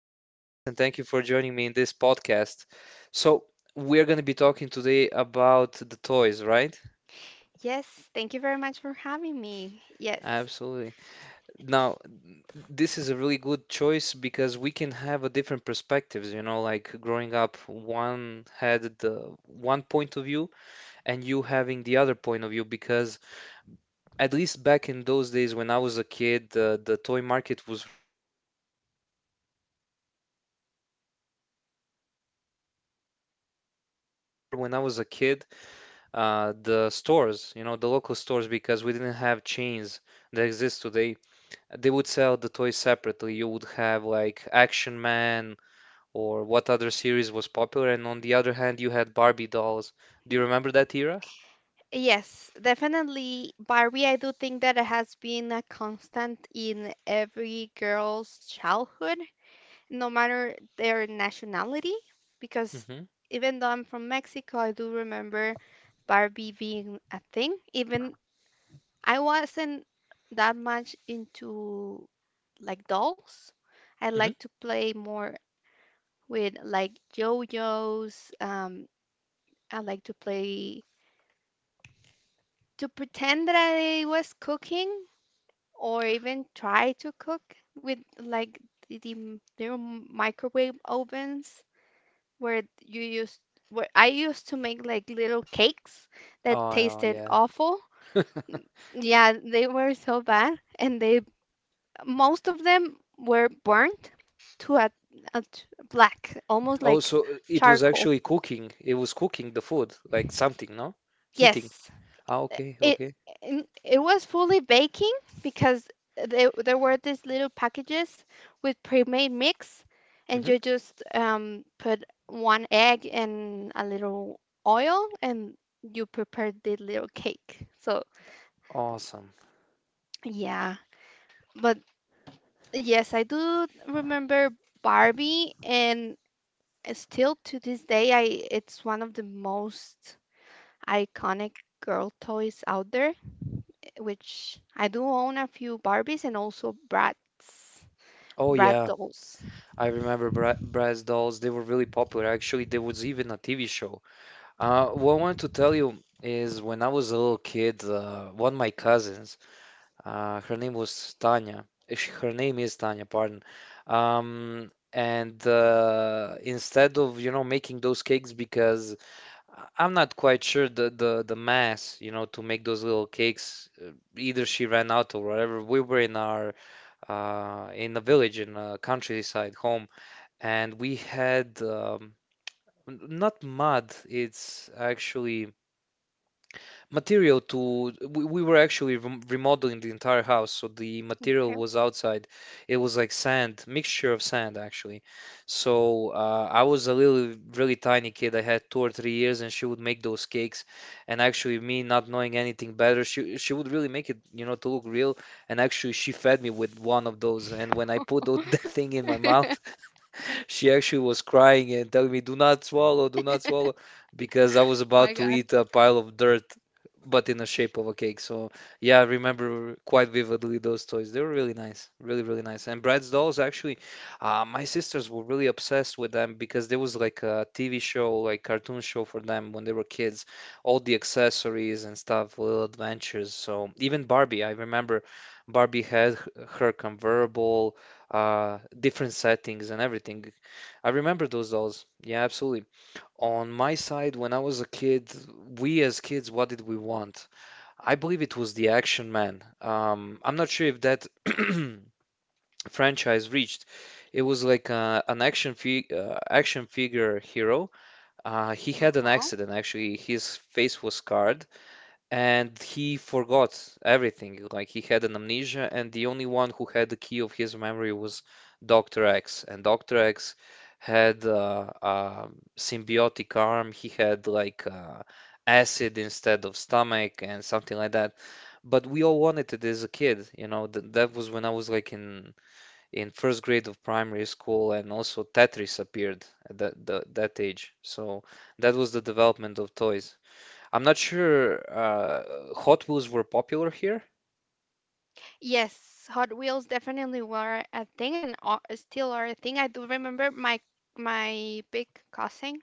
Vanessa, and thank you for joining me in this podcast. So, we're going to be talking today about the toys, right? Yes, thank you very much for having me. Yes. Absolutely. Now, this is a really good choice because we can have a different perspectives, you know, like growing up, one had the one point of view, and you having the other point of view because at least back in those days when I was a kid, the toy market was really different, actually. Like the market for boys and market for girls was really distinct. Even I remember when I was a kid, the stores, you know, the local stores, because we didn't have chains that exist today, they would sell the toys separately. You would have like Action Man or what other series was popular, and on the other hand, you had Barbie dolls. Do you Mm, remember that era? yes, definitely Barbie. I do think that it has been a constant in every girl's childhood, no matter their nationality, because Mm-hmm. even though I'm from Mexico, I do remember Barbie being a thing. Even I wasn't that much into like dolls. I like Mm-hmm. to play more with like yo-yos. I like to play, to pretend that I was cooking or even try to cook with like the microwave ovens, where you used, where I used to make like little cakes that Oh, tasted yeah. awful. Yeah, they were so bad, and they, most of them were burnt to a black, almost Oh, like so it was charcoal. actually cooking. It was cooking the food, like something, no? Heating. Yes. Ah, okay, it okay. it was fully baking because there were these little packages with pre-made mix, and Hmm. you just put one egg and a little oil, and you prepared the little cake. So Awesome. yeah, but yes, I do remember Barbie, and still to this day, I it's one of the most iconic girl toys out there, which I do own a few Barbies and also Bratz, Oh Brat yeah, dolls. I remember Bratz dolls. They were really popular. Actually, there was even a TV show. What I wanted to tell you is when I was a little kid, one of my cousins, her name was Tanya. Her name is Tanya, pardon. And instead of, you know, making those cakes because I'm not quite sure the mass, you know, to make those little cakes. Either she ran out or whatever. We were in a village, in a countryside home, and we had not mud. It's actually material, we were actually remodeling the entire house, so the material Okay. was outside. It was like sand, mixture of sand, actually. So I was a little really tiny kid. I had 2 or 3 years, and she would make those cakes. And actually, me not knowing anything better, she would really make it, you know, to look real. And actually, she fed me with one of those. And when I put that thing in my mouth, she actually was crying and telling me, do not swallow, do not swallow, because I was My about to God. eat a pile of dirt, but in the shape of a cake. So yeah, I remember quite vividly those toys. They were really nice, really, really nice. And Bratz dolls, actually, my sisters were really obsessed with them because there was like a TV show, like cartoon show for them when they were kids, all the accessories and stuff, little adventures. So even Barbie, I remember Barbie had her convertible, different settings and everything. I remember those dolls. Yeah, absolutely. On my side, when I was a kid, we as kids, what did we want? I believe it was the Action Man. I'm not sure if that franchise reached. It was like an action fig action figure hero. He had an Uh-huh. accident actually. His face was scarred, and he forgot everything. Like he had an amnesia, and the only one who had the key of his memory was Dr. X. And Dr. X had a symbiotic arm. He had like acid instead of stomach and something like that. But we all wanted it as a kid, you know. Th that was when I was like in first grade of primary school, and also Tetris appeared at that age. So that was the development of toys. I'm not sure Hot Wheels were popular here. Yes, Hot Wheels definitely were a thing, and still are a thing. I do remember my big cousin.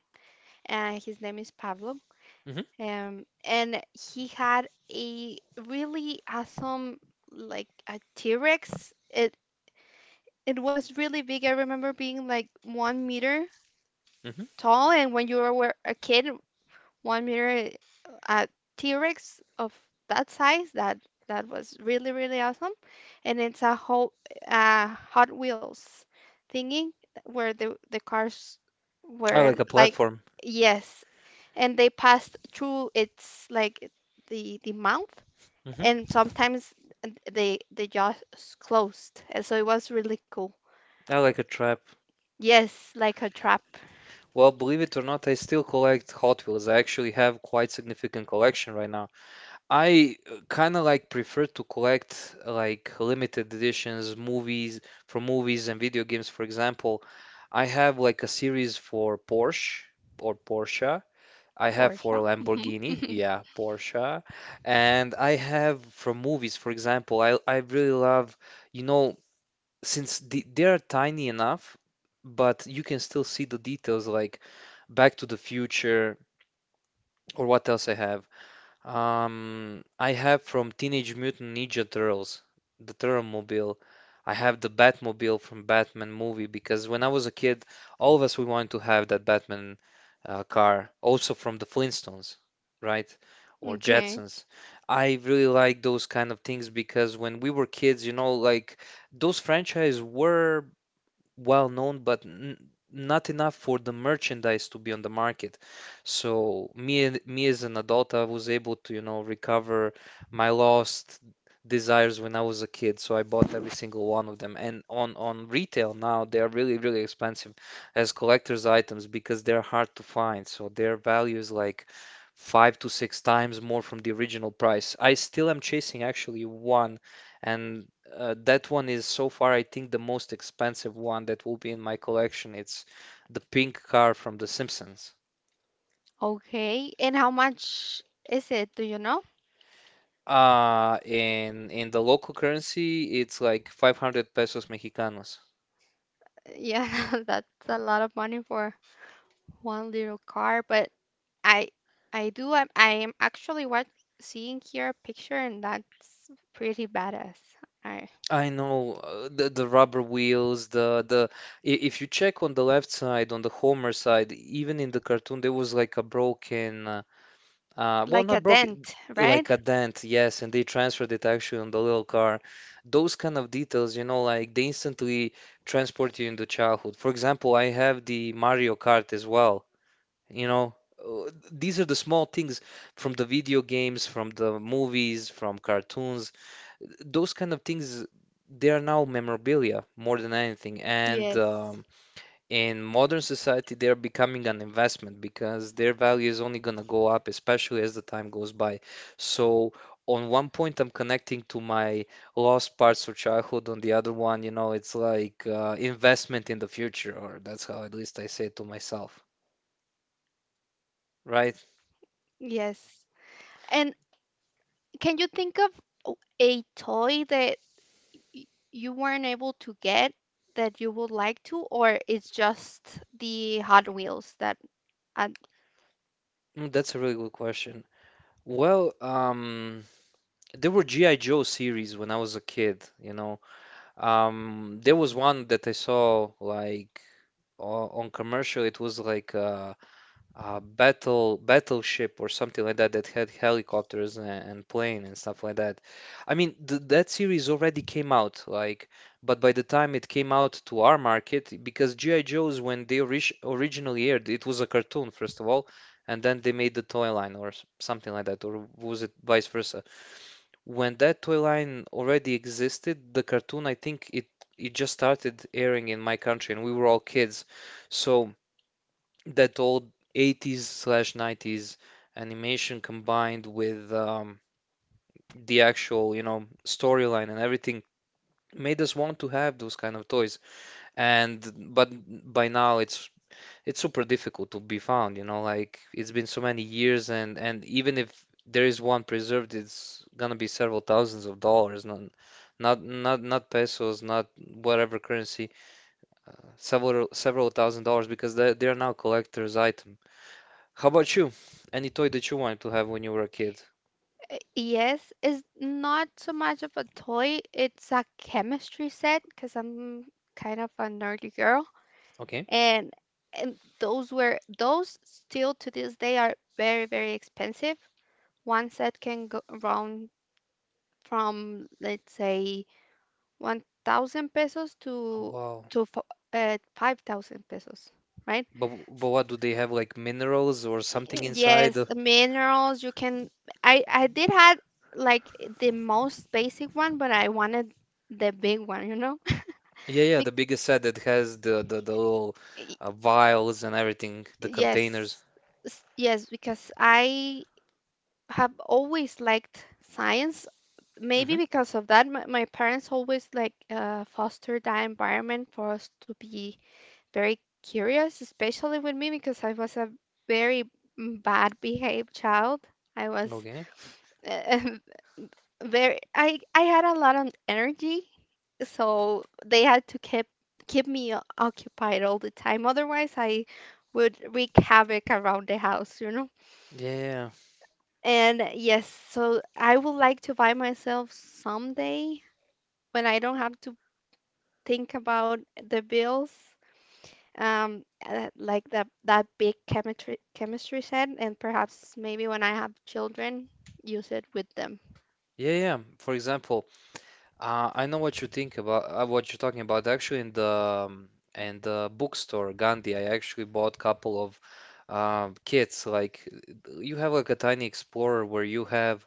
His name is Pablo. Mm-hmm. And he had a really awesome, like a T-Rex. It was really big. I remember being like 1 meter Mm-hmm. tall, and when you were a kid, one mirror, a T-Rex of that size, that was really really awesome. And it's a whole Hot Wheels thingy where the cars I were like a like, platform. yes, and they passed through its, like, the mouth, Mm-hmm. and sometimes they just closed, and so it was really cool. I like a trap. Yes, like a trap. Well, believe it or not, I still collect Hot Wheels. I actually have quite significant collection right now. I kind of like prefer to collect like limited editions, movies from movies and video games. For example, I have like a series for Porsche or Porsche. I have Porsche. for Lamborghini, Hmm. yeah, Porsche, and I have from movies, for example, I really love, you know, since they are tiny enough, but you can still see the details like Back to the Future or what else I have. I have from Teenage Mutant Ninja Turtles, the Turtlemobile. I have the Batmobile from Batman movie because when I was a kid, all of us we wanted to have that Batman car, also from the Flintstones, right? Or Okay. Jetsons. I really like those kind of things because when we were kids, you know, like those franchise were well known, but n not enough for the merchandise to be on the market. So me as an adult, I was able to, you know, recover my lost desires when I was a kid. So I bought every single one of them. And on retail now, they are really, really expensive as collector's items because they're hard to find. So their value is like five to six times more from the original price. I still am chasing actually one, and that one is so far, I think, the most expensive one that will be in my collection. It's the pink car from The Simpsons. Okay, and how much is it? Do you know? In the local currency, it's like 500 pesos mexicanos. Yeah, that's a lot of money for one little car. But I I am actually, what, seeing here a picture, and that's pretty badass. I I know the rubber wheels, if you check on the left side, on the Homer side, even in the cartoon, there was like a broken. Well, like a not broke, dent, right? like a dent, yes, and they transferred it actually on the little car. Those kind of details, you know, like they instantly transport you into childhood. For example, I have the Mario Kart as well, you know. These are the small things from the video games, from the movies, from cartoons. Those kind of things, they are now memorabilia more than anything. And Yes. In modern society, they are becoming an investment because their value is only going to go up, especially as the time goes by. So on one point, I'm connecting to my lost parts of childhood. On the other one, you know, it's like investment in the future, or that's how at least I say it to myself, right? Yes. And can you think of a toy that y- you weren't able to get, that you would like to, or it's just the Hot Wheels that uh, That's a really good question. Well, there were GI Joe series when I was a kid, you know. There was one that I saw, like, on commercial. It was like battleship or something like that that had helicopters, and plane, and stuff like that. I mean, th that series already came out, like, but by the time it came out to our market, because G.I. Joe's, when they originally aired, it was a cartoon first of all, and then they made the toy line or something like that, or was it vice versa? When that toy line already existed, the cartoon, I think it just started airing in my country, and we were all kids, so that old 80s/90s animation combined with the actual, you know, storyline and everything made us want to have those kind of toys. And But by now it's super difficult to be found, you know, like it's been so many years, and even if there is one preserved, it's gonna be several thousands of dollars, not pesos, not whatever currency, several $1,000 because they are now collector's items. How about you? Any toy that you wanted to have when you were a kid? Yes, is not so much of a toy. It's a chemistry set because I'm kind of a nerdy girl, Okay. and those still to this day are very very expensive. One set can go around from, let's say, 1,000 pesos Oh, to wow. to f- uh, 5,000 pesos, right? But what do they have like minerals or something inside? Yes, minerals, you can. I did had like the most basic one, but I wanted the big one, you know? Yeah, yeah, Bec- the biggest set that has the little y- vials and everything, the containers. yes. Yes, because I have always liked science. Maybe Hmm. because of that, my parents always, like, fostered that environment for us to be very curious, especially with me because I was a very bad behaved child. I was Okay. very I had a lot of energy, so they had to keep me occupied all the time. Otherwise, I would wreak havoc around the house. Yeah, yeah, And yes, so I would like to buy myself someday, when I don't have to think about the bills, like that big chemistry set, and perhaps maybe when I have children, use it with them. yeah, yeah. For example, I know what you think about what you're talking about. Actually, um, in the bookstore Gandhi, I actually bought a couple of kits. Like you have like a tiny explorer where you have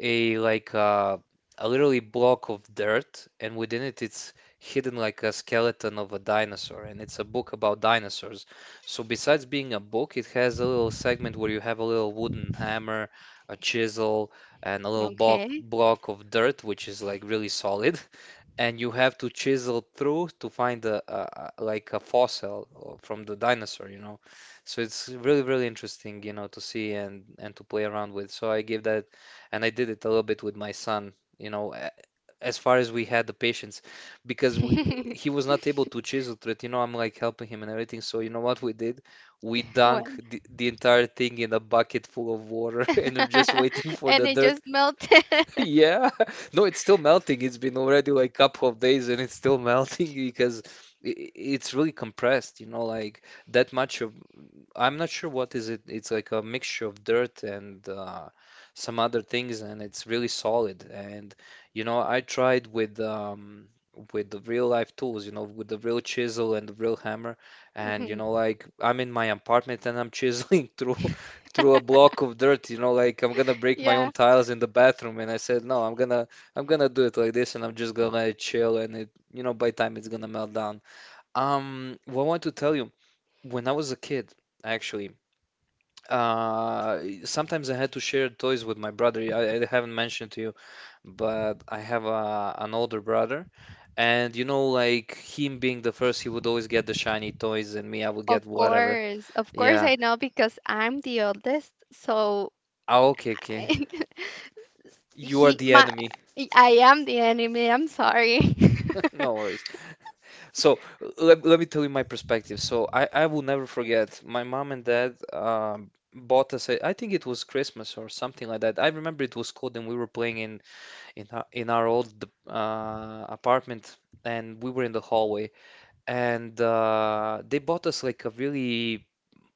a, like, a literally block of dirt, and within it, it's hidden like a skeleton of a dinosaur, and it's a book about dinosaurs. So besides being a book, it has a little segment where you have a little wooden hammer, a chisel, and a little block Okay. block of dirt, which is like really solid. And you have to chisel through to find a like a fossil from the dinosaur, you know. So it's really really interesting, you know, to see and to play around with. So I gave that, and I did it a little bit with my son, you know, as far as we had the patience, because we he was not able to chisel through it, you know. I'm like helping him and everything. So you know what we did? We What. dunk the entire thing in a bucket full of water, and we're just waiting for And the it dirt just melted. Yeah. No, it's still melting. It's been already like couple of days and it's still melting because it's really compressed, you know, like that much of. I'm not sure what is it. It's like a mixture of dirt and some other things, and it's really solid. And you know, I tried with with the real life tools, you know, with the real chisel and the real hammer. And you Mhm. know, like I'm in my apartment and I'm chiseling through through a block of dirt. You know, like I'm gonna break my own Yeah, tiles in the bathroom. And I said, no, I'm gonna do it like this, and I'm just gonna let it chill. And it, you know, by time it's gonna melt down. What I want to tell you, when I was a kid, actually. Sometimes I had to share toys with my brother. I haven't mentioned to you, but I have a, an older brother, and you know, like him being the first, he would always get the shiny toys, and me, I would of get whatever. course. Of course Yeah. I know, because I'm the oldest. So Ah, okay, okay. I, You are he the my enemy. I am the enemy. I'm sorry. No worries. So let me tell you my perspective. So I will never forget. My mom and dad bought us a, I think it was Christmas or something like that. I remember it was cold and we were playing in in our old apartment, and we were in the hallway, and they bought us like a really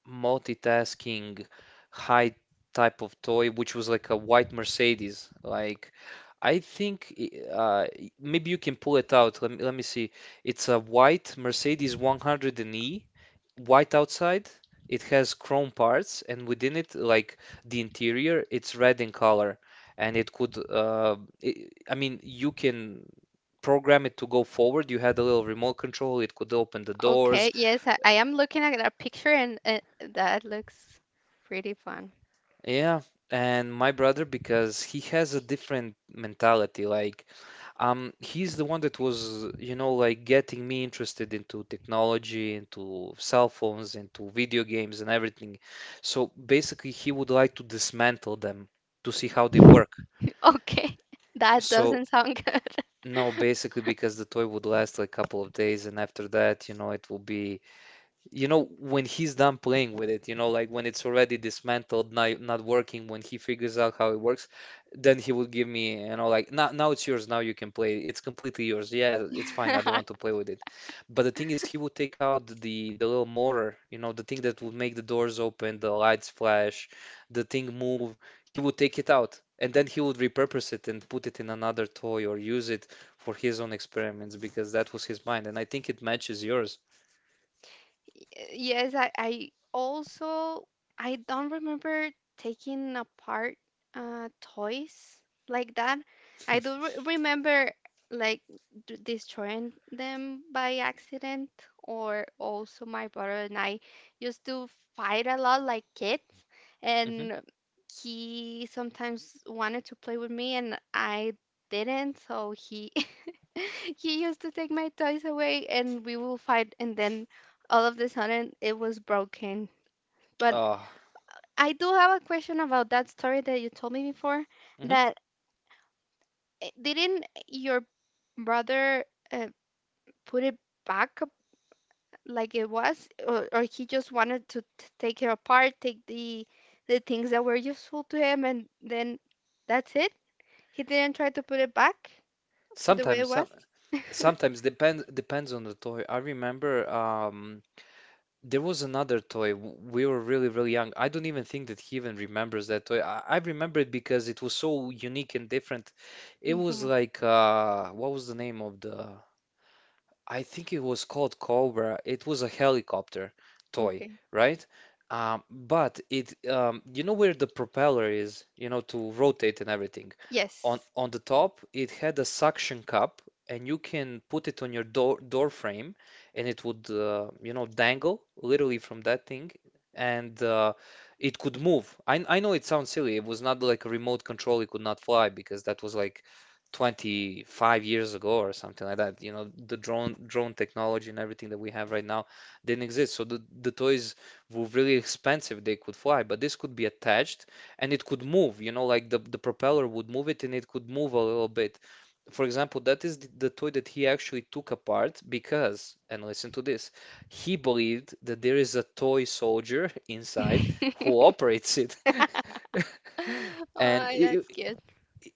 multitasking, high type of toy, which was like a white Mercedes. Like, I think i- uh, maybe you can pull it out. Let me see. It's a white Mercedes 100 E white outside. It has chrome parts, and within it, like the interior, it's red in color. And it could, i I mean, you can program it to go forward. You had a little remote control, it could open the Okay, doors. yes, I am looking at that picture, and that looks pretty fun. Yeah. And my brother, because he has a different mentality, like. He's the one that was, you know, like getting me interested into technology, into cell phones, into video games and everything. So basically, he would like to dismantle them to see how they work. Okay. That So doesn't sound good. no, basically because the toy would last like a couple of days, and after that, you know, it will be. You know, when he's done playing with it, you know, like when it's already dismantled, not working, when he figures out how it works, then he would give me, you know, like now it's yours, now you can play. It's completely yours. Yeah, it's fine. I don't want to play with it. But the thing is, he would take out the little motor, you know, the thing that would make the doors open, the lights flash, the thing move. He would take it out, and then he would repurpose it and put it in another toy or use it for his own experiments because that was his mind, and I think it matches yours. Yes, I also I don't remember taking apart toys like that. I do re remember, like, d destroying them by accident, or also my brother and I used to fight a lot like kids, Hmm. and he sometimes wanted to play with me, and I didn't, so he he used to take my toys away, and we will fight, and then all of the sudden it was broken. But Oh, I do have a question about that story that you told me before, hmm. that didn't your brother, uh, put it back up like it was, or, he just wanted to t take it apart, take the things that were useful to him, and then that's it? He didn't try to put it back to the way it Sometimes, was? some, sometimes depends on the toy. I remember there was another toy. We were really, really young. I don't even think that he even remembers that toy. I remember it because it was so unique and different. It was Hmm. like what was the name of the? I think it was called Cobra. It was a helicopter toy, Okay. right? But it, you know where the propeller is, you know, to rotate and everything. On Yes. on the top, it had a suction cup, and you can put it on your door frame, and it would, you know, dangle literally from that thing, and it could move. I know it sounds silly. It was not like a remote control. It could not fly because that was like 25 years ago or something like that. You know, the drone technology and everything that we have right now didn't exist. So the toys were really expensive. They could fly, but this could be attached and it could move, you know, like the propeller would move it and it could move a little bit. For example, that is the toy that he actually took apart because, and listen to this, he believed that there is a toy soldier inside who operates it. Oh, And it, that's cute.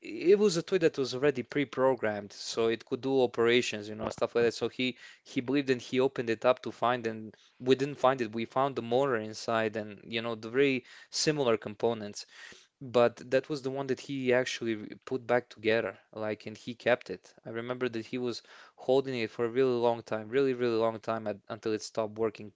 it was a toy that was already pre-programmed, so it could do operations, you know, stuff like that. So he believed and he opened it up to find, and we didn't find it. We found the motor inside, and you know, the very similar components. But that was the one that he actually put back together, like, and he kept it. I remember that he was holding it for a really long time, really, really long time at, until it stopped working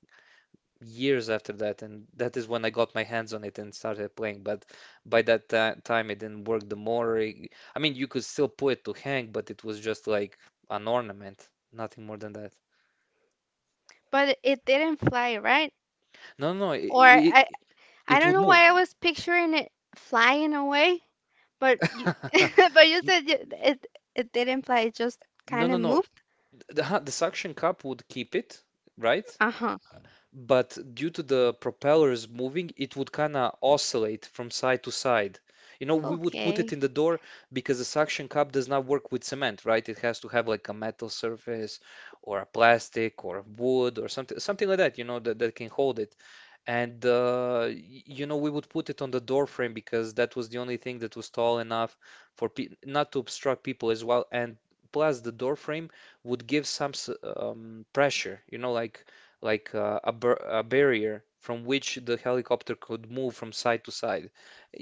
years after that, and that is when I got my hands on it and started playing. But by that time, it didn't work. The more, I mean, you could still put it to hang, but it was just like an ornament, nothing more than that. But it didn't fly, right? No, no, Or it I it, don't would know why move. I was picturing it flying away, but you but you said, it didn't fly, it just No, kind no, of no. moved. The, the suction cup would keep it, right? Uh-huh. But due to the propellers moving, it would kind of oscillate from side to side. You know, we would put it Okay. in the door because the suction cup does not work with cement, right? It has to have like a metal surface or a plastic or a wood or something like that, you know, that can hold it. And you know, we would put it on the door frame because that was the only thing that was tall enough for pe not to obstruct people as well. And plus, the door frame would give some pressure, you know, like a barrier from which the helicopter could move from side to side.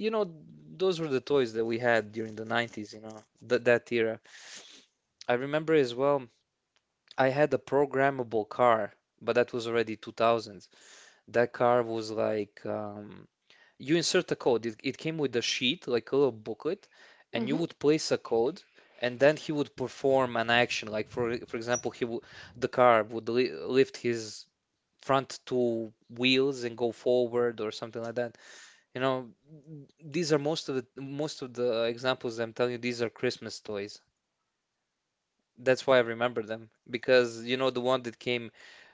You know, those were the toys that we had during the 90s, you know, th that era. I remember as well, I had a programmable car, but that was already 2000s. That car was like you insert a code. It came with a sheet, like a little booklet, and you Mm-hmm. would place a code, and then he would perform an action. Like for example, he would. The car would li lift his front 2 wheels and go forward or something like that. You know, these are most of the examples I'm telling you. These are Christmas toys. That's why I remember them because you know the one that came,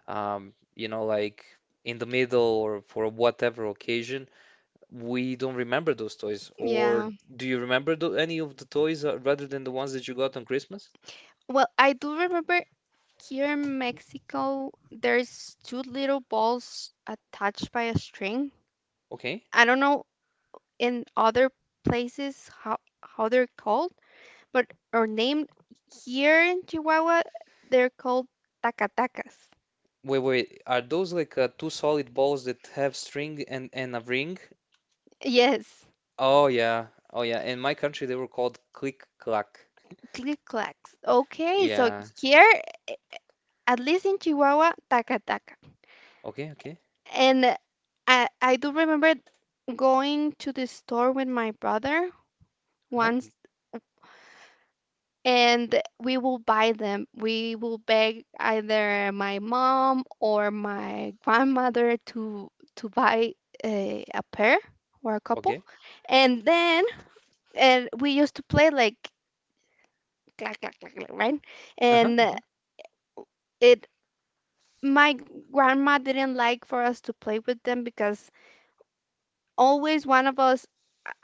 you know, like in the middle or for whatever occasion we don't remember those toys. Yeah. Or do you remember any of the toys rather than the ones that you got on Christmas? Well, I do remember, here in Mexico, there's two little balls attached by a string. Okay. I don't know in other places how they're called, but are named here in Chihuahua. They're called tacatacas. Wait, wait. Are those like two solid balls that have string and a ring? Yes, Oh yeah. Oh yeah. In my country, they were called click clack. click clacks. Okay, so Yeah. here, at least in Chihuahua, tacataca. Okay. Okay. And I do remember going to the store with my brother Uh-huh. once, and we will buy them. We will beg either my mom or my grandmother to buy a pair or a couple, Okay. and then and we used to play, like, clack, clack, clack, clack, right? Uh-huh. And Uh-huh. it my grandma didn't like for us to play with them because always one of us,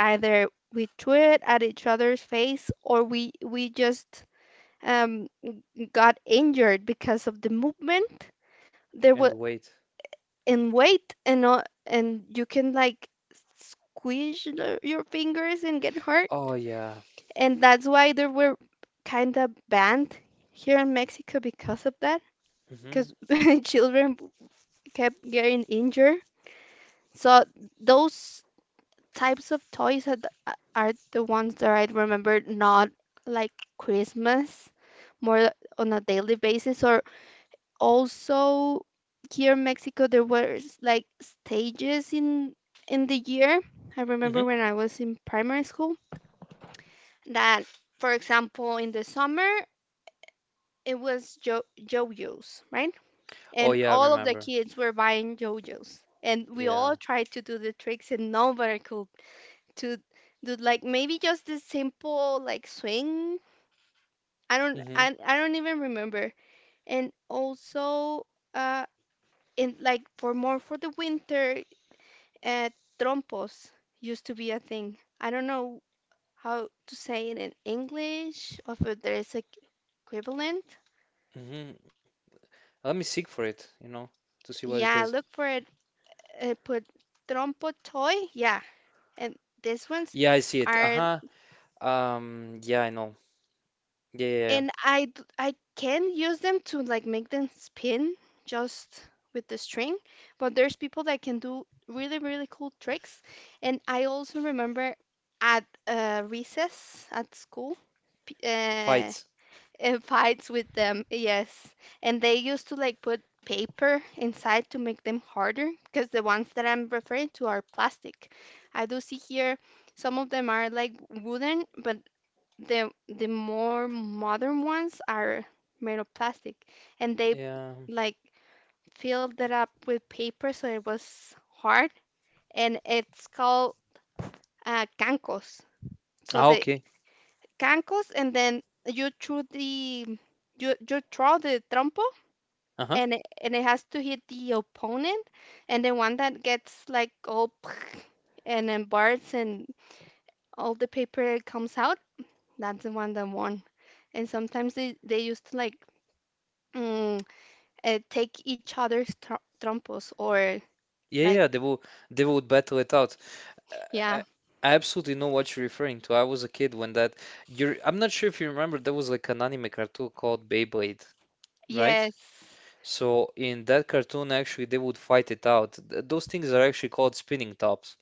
either we threw it at each other's face, or we just um got injured because of the movement, there was, And wait. and weight and all, and you can, like, squeeze your fingers and get hurt. Oh yeah. And that's why they were kind of banned here in Mexico because of that, Mm-hmm. because children kept getting injured. So those types of toys are are the ones that I remember, not like Christmas, more on a daily basis. Or also, here in Mexico there were, like, stages in the year. I remember Mm-hmm. when I was in primary school that, for example, in the summer it was JoJo's, right? Oh And yeah. I all of the remember. kids were buying JoJo's. And we Yeah. all tried to do the tricks, and nobody could, to do, like, maybe just the simple, like, swing. I don't, Mm-hmm. I don't even remember. And also in, like, for more for the winter, uh trompos used to be a thing. I don't know how to say it in English, or if there is a equivalent. Mm-hmm. Let me seek for it. You know, to see what it Yeah, is. look for it. Put "trompo toy." Yeah, and these ones Yeah, I see it. are, Uh-huh. Yeah, I know. Yeah, yeah, yeah. and I can use them to, like, make them spin just with the string. But there's people that can do really really cool tricks. And I also remember at, recess at school. p- uh, Fights. It fights with them, yes. And they used to, like, put paper inside to make them harder, because the ones that I'm referring to are plastic. I do see here, some of them are like wooden, but the more modern ones are made of plastic. And they, Yeah. like, filled it up with paper so it was hard, and it's called cancos. So Ah, the okay. cancos, and then you threw the you you throw the trompo, Uh-huh. and it, has to hit the opponent, and the one that gets, like, all and then bursts and all the paper comes out, that's the one that won. And sometimes they used to, like, mm, take each other's trompos, or Yeah, like... yeah, they will, they would battle it out. I, Yeah. I I absolutely know what you're referring to. I was a kid when that you're. I'm not sure if you remember there was like an anime cartoon called Beyblade, right? Yes, So in that cartoon actually they would fight it out. Those things are actually called spinning tops.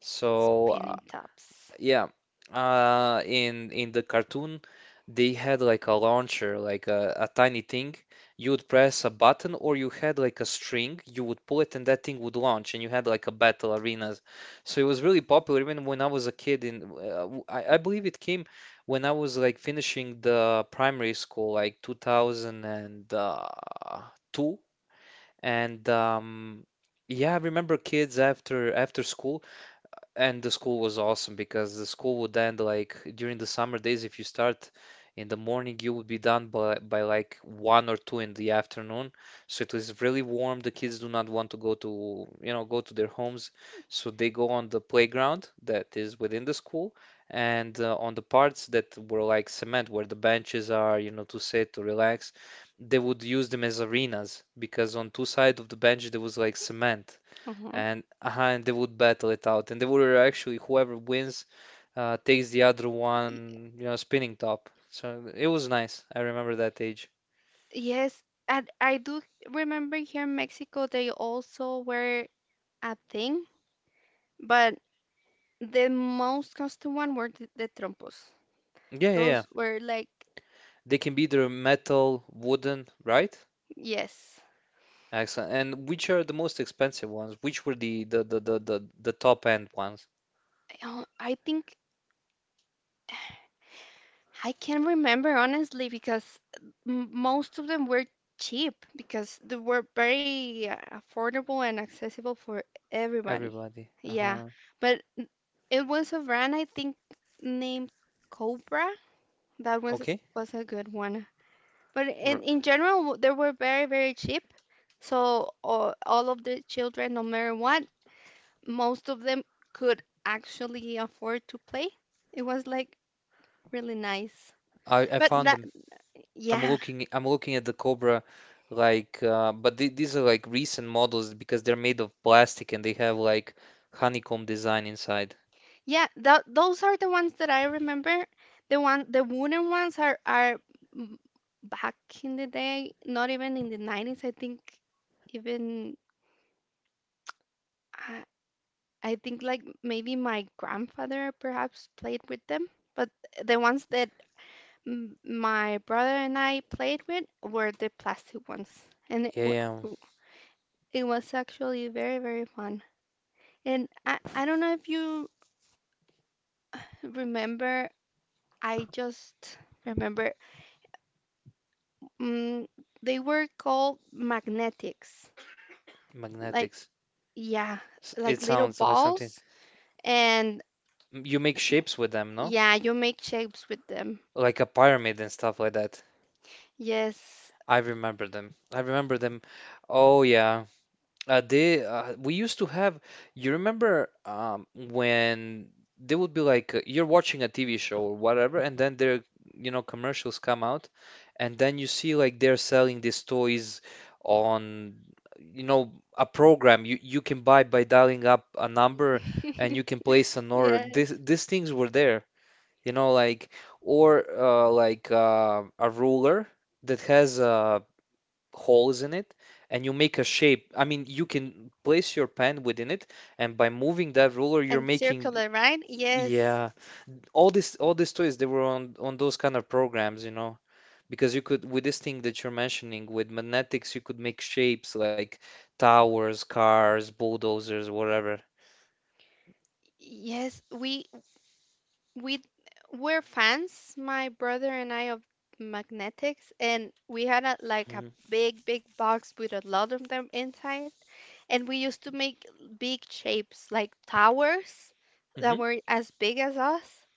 So spinning tops. yeah, in the cartoon, they had like a launcher, like a tiny thing. You would press a button, or you had like a string. You would pull it, and that thing would launch, and you had like a battle arena. So it was really popular, even when I was a kid. In I believe it came when I was like finishing the primary school, like 2002, and yeah, I remember kids after school, and the school was awesome because the school would end like during the summer days. If you start in the morning, you would be done by like one or two in the afternoon. So it was really warm. The kids do not want to go to, you know, go to their homes, so they go on the playground that is within the school and on the parts that were like cement, where the benches are, you know, to sit to relax. They would use them as arenas because on two sides of the bench there was like cement Uh-huh. and they would battle it out, and they would actually whoever wins takes the other one, you know, spinning top. So it was nice. I remember that age. Yes, and I do remember here in Mexico, they also were a thing, but the most constant one were the trompos. Yeah, yeah, yeah. Those were, like, They can be either metal, wooden, right? yes. Excellent. And which are the most expensive ones? Which were the top end ones? I think I can't remember honestly, because most of them were cheap, because they were very affordable and accessible for everybody. Everybody. Yeah, Uh-huh. but it was a brand, I think, named Cobra. That Okay. was a good one. But R- in general, they were very very cheap. So all of the children, no matter what, most of them could actually afford to play. It was, like, really nice. I But found them. I'm yeah, looking, I'm looking at the Cobra, like but these are like recent models because they're made of plastic and they have like honeycomb design inside, yeah, those are the ones that I remember. The wooden ones are, mm, back in the day, not even in the 90s. I think, even even earlier than I, I think like maybe my grandfather perhaps played that. with them. But the Okay, ones okay. that my brother and I played with were the plastic ones, and Yeah, yeah, it was actually very, very fun. And I don't know if you remember, I just remember um, they were called magnetics. Like, magnetics. yeah, like It little sounds like something. balls. And You make shapes with them, no? yeah, you make shapes with them. Like a pyramid and stuff like that. Yes. I remember them. I remember them. Oh yeah. They we used to have. You remember when they would be like, you're watching a TV show or whatever, and then their, you know, commercials come out, and then you see like they're selling these toys on, you know, a program you can buy by dialing up a number and you can place an order. Yes. This These things were there, you know, like, or like a ruler that has a holes in it and you make a shape. I mean, you can place your pen within it, and by moving that ruler, you're And making, circular, right? Yes. yeah, all this all these toys they were on those kind of programs, you know, because you could, with this thing that you're mentioning with magnetics, you could make shapes like towers, cars, bulldozers, whatever. Yes, we we're fans, my brother and I, of magnetics, and we had a, like a Hmm. big, big box with a lot of them inside, and we used to make big shapes like towers that Hmm. were as big as us.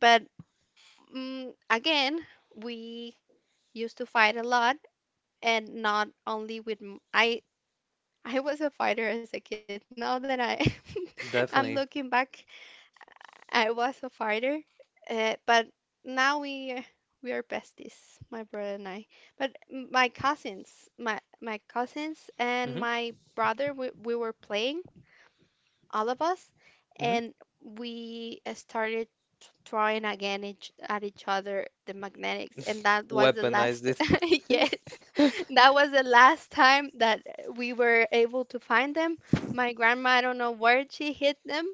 But again, we used to fight a lot, and not only with I. I was a fighter as a kid. Now that I, I'm looking Definitely. back, I was a fighter, but now we are- we are besties, my brother and I. But my cousins, my cousins and Hmm. my brother, we were playing, all of us, Hmm. and we started throwing again each, at each other the magnetics, and that was the Weaponized last. Yes, it. that was the last time that we were able to find them. My grandma, I don't know where she hid them.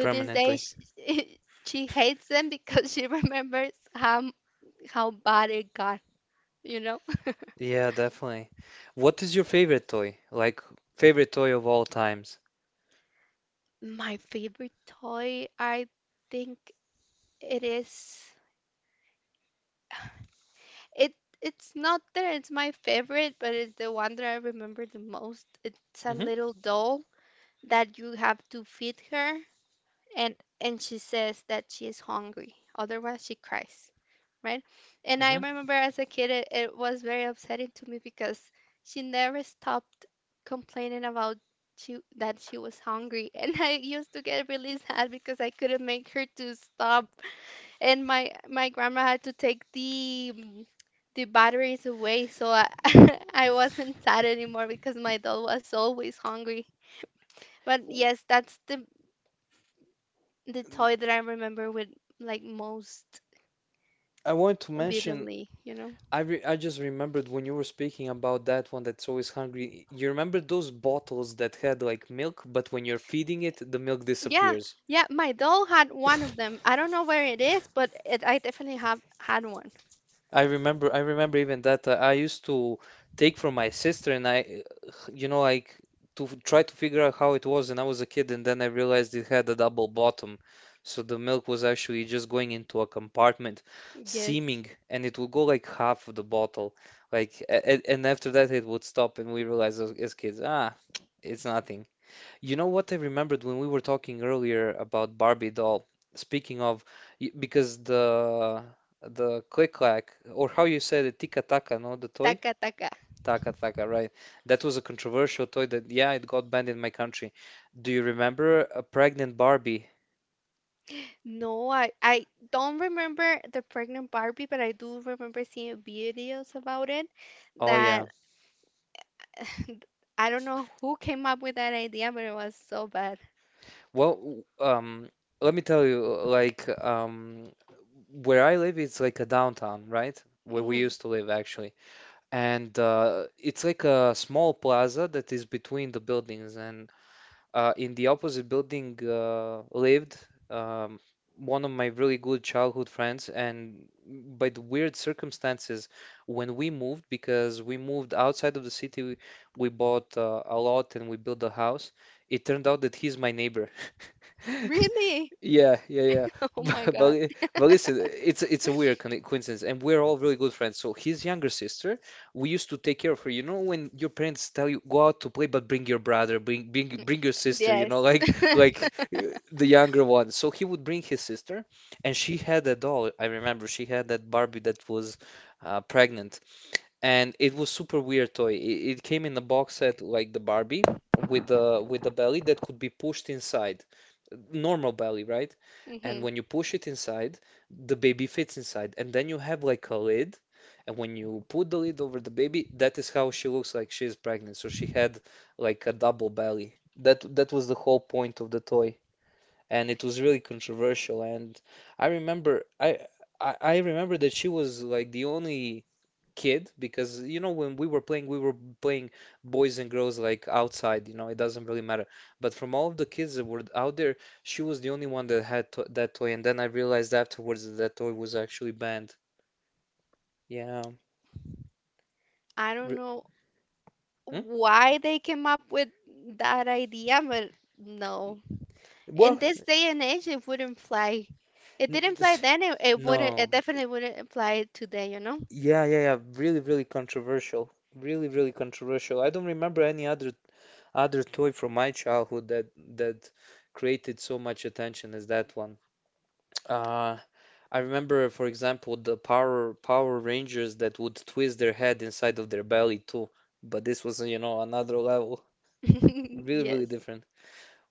this day, Permanently. she, she hates them because she remembers how bad it got, you know. Yeah, definitely. What is your favorite toy? Like favorite toy of all times? My favorite toy, I think it is. It It's not that it's my favorite, but it's the one that I remember the most. It's a Hmm. little doll that you have to feed her and and she says that she is hungry. Otherwise she cries, right? And I Hmm. remember as a kid it, it was very upsetting to me because she never stopped complaining about she that she was hungry. And I used to get really sad because I couldn't make her to stop and my grandma had to take the the batteries away, so I I wasn't sad anymore because my doll was always hungry. But yes, that's the toy that I remember with like most I wanted to mention, vividly, you know. I just remembered when you were speaking about that one that's always hungry. You remember those bottles that had like milk, but when you're feeding it, the milk Yeah, disappears? yeah, my doll had one of them. I don't know where it is, but it, I definitely have had one. I remember even that I used to take from my sister, and I, you know, like to try to figure out how it was, and I was a kid, and then I realized it had a double bottom, so the milk was actually just going into a compartment, Yes. seeming, and it would go like half of the bottle, like, and after that it would stop, and we realized as kids, ah, it's nothing. You know what I remembered when we were talking earlier about Barbie doll? Speaking of, because the click clack, or how you said it, Tika Taka, no, the toy, Taka taka. Taka Taka, right? That was a controversial toy that, yeah, it got banned in my country. Do you remember a pregnant Barbie? No, I don't remember the pregnant Barbie, but I do remember seeing videos about it Oh that yeah. I don't know who came up with that idea, but it was so bad. Well, let me tell you, like, where I live, it's like a downtown, right? Where we Hmm. used to live, actually. And it's like a small plaza that is between the buildings. And in the opposite building lived um, one of my really good childhood friends. And by the weird circumstances, when we moved, because we moved outside of the city, we bought a lot and we built a house. It turned out that he's my neighbor. Really? Yeah, yeah, yeah. Oh my But, but God. li- but listen, it's a weird coincidence, and we're all really good friends. So his younger sister, we used to take care of her. You know, when your parents tell you go out to play, but bring your brother, bring your sister. You know, Yes. like the younger one. So he would bring his sister, and she had a doll. I remember she had that Barbie that was pregnant, and it was super weird toy. It came in a box set like the Barbie with the belly that could be pushed inside, normal belly, right? And Hmm. when you push it inside, the baby fits inside, and then you have like a lid, and when you put the lid over the baby, that is how she looks like she is pregnant. So she had like a double belly. That was the whole point of the toy, and it was really controversial. And I remember I remember that she was like the only kid, because you know when we were playing boys and girls like outside, you know, it doesn't really matter, but from all of the kids that were out there, she was the only one that had to that toy, and then I realized afterwards that that toy was actually banned, yeah. I don't Re- know hmm? why they came up with that idea, but no. In Well, this day and age, it wouldn't fly. It n- didn't fly then, it, it wouldn't, no, it definitely wouldn't fly today, you know? yeah, yeah, yeah, really really controversial, really really controversial. I don't remember any other other toy from my childhood that that created so much attention as that one. uh I remember, for example, the Power Rangers that would twist their head inside of their belly too. But this was, you know, another level. Really, really Yes. different.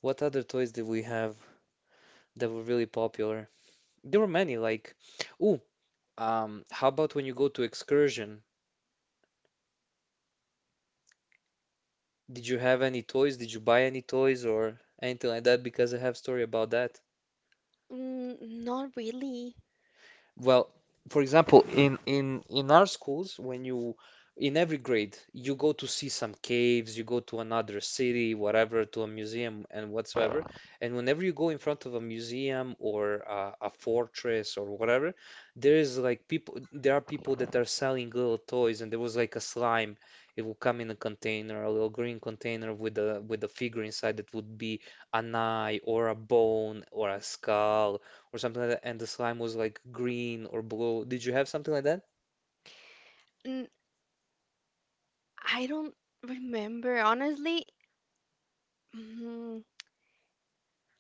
What other toys did we have that were really popular? There were many, like, ooh, how about when you go to excursion? Did you have any toys? Did you buy any toys or anything like that? Because I have story about that. Mm, not really. Well, for example, in our schools, when you, in every grade you go to see some caves, you go to another city, whatever, to a museum and whatsoever, and whenever you go in front of a museum or a fortress or whatever, there is like people, there are people that are selling little toys, and there was like a slime. It would come in a container, a little green container with a figure inside that would be an eye or a bone or a skull or something like that, and the slime was like green or blue. Did you have something like that? N I don't remember, honestly. Mm,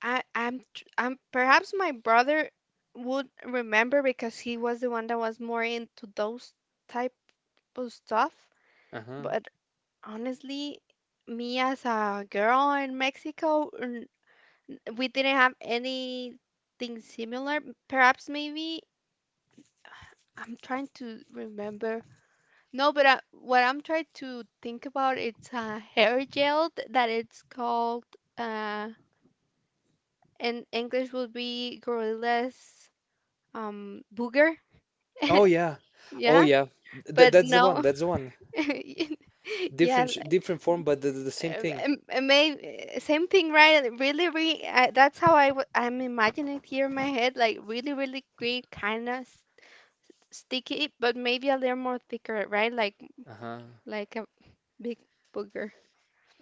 I'm perhaps my brother would remember because he was the one that was more into those type of stuff. Uh-huh. But honestly, me as a girl in Mexico, we didn't have anything similar. Perhaps maybe I'm trying to remember. No, but I, what I'm trying to think about it's a hair gel that it's called uh in English would be gorilla's booger. Oh yeah. Oh Yeah, yeah. Th but That's the one. no. That's the one. Yeah, Different like, different form, but the same thing. Maybe same thing, right? Really really, that's how I I'm imagining it here in my head, like really really green, kind of sticky, but maybe a little more thicker, right? like Uh-huh. like a big booger,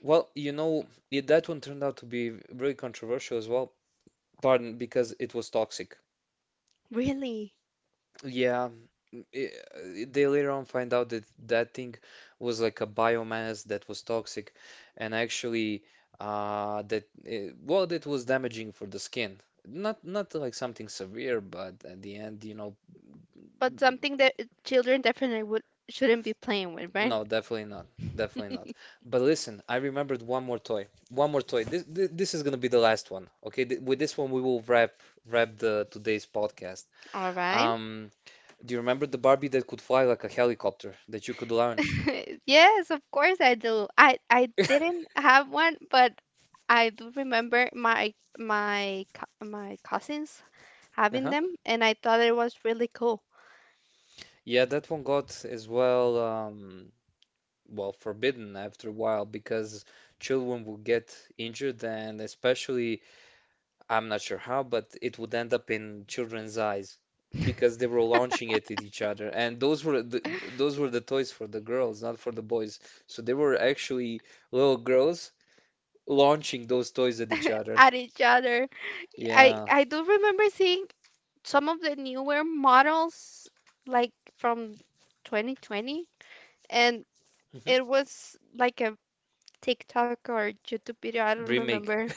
Well, you know, it, that one turned out to be really controversial as well. Pardon, because it was toxic. really. Yeah, they later on find out that that thing was like a biomass that was toxic, and actually, well, that was damaging for the skin. Not not like something severe, but at the end, you know, But something that children definitely would shouldn't be playing with, right? no, definitely not, definitely not. But listen, I remembered one more toy, one more toy. This is gonna be the last one, okay? Th With this one, we will wrap wrap the today's podcast. All right. Um, do you remember the Barbie that could fly like a helicopter that you could launch? Yes, of course I do. I didn't have one, but I do remember my my cousins having Uh-huh. them, and I thought it was really cool Yeah, that one got as well, well, forbidden after a while because children would get injured, and especially, I'm not sure how, but it would end up in children's eyes because they were launching it at each other, and those were the toys for the girls, not for the boys. So they were actually little girls launching those toys at each other. at each other. Yeah. I do remember seeing some of the newer models like from 2020, and Mhm. it was like a TikTok or YouTube video. I don't Remake. remember.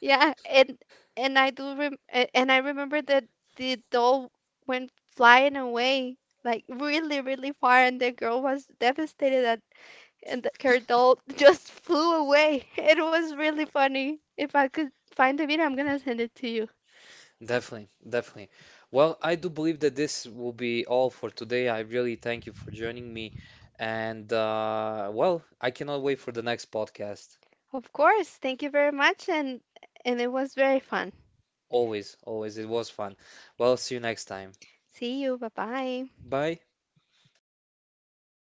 Yeah, and I do and I remember that the doll went flying away like really really far, and the girl was devastated that and that her doll just flew away. It was really funny. If I could find the video, I'm gonna send it to you. Definitely, definitely. Well, I do believe that this will be all for today. I really thank you for joining me. And well, I cannot wait for the next podcast. Of course. Thank you very much, and it was very fun. Always, always. It was fun. Well, see you next time. See you. Bye bye. Bye.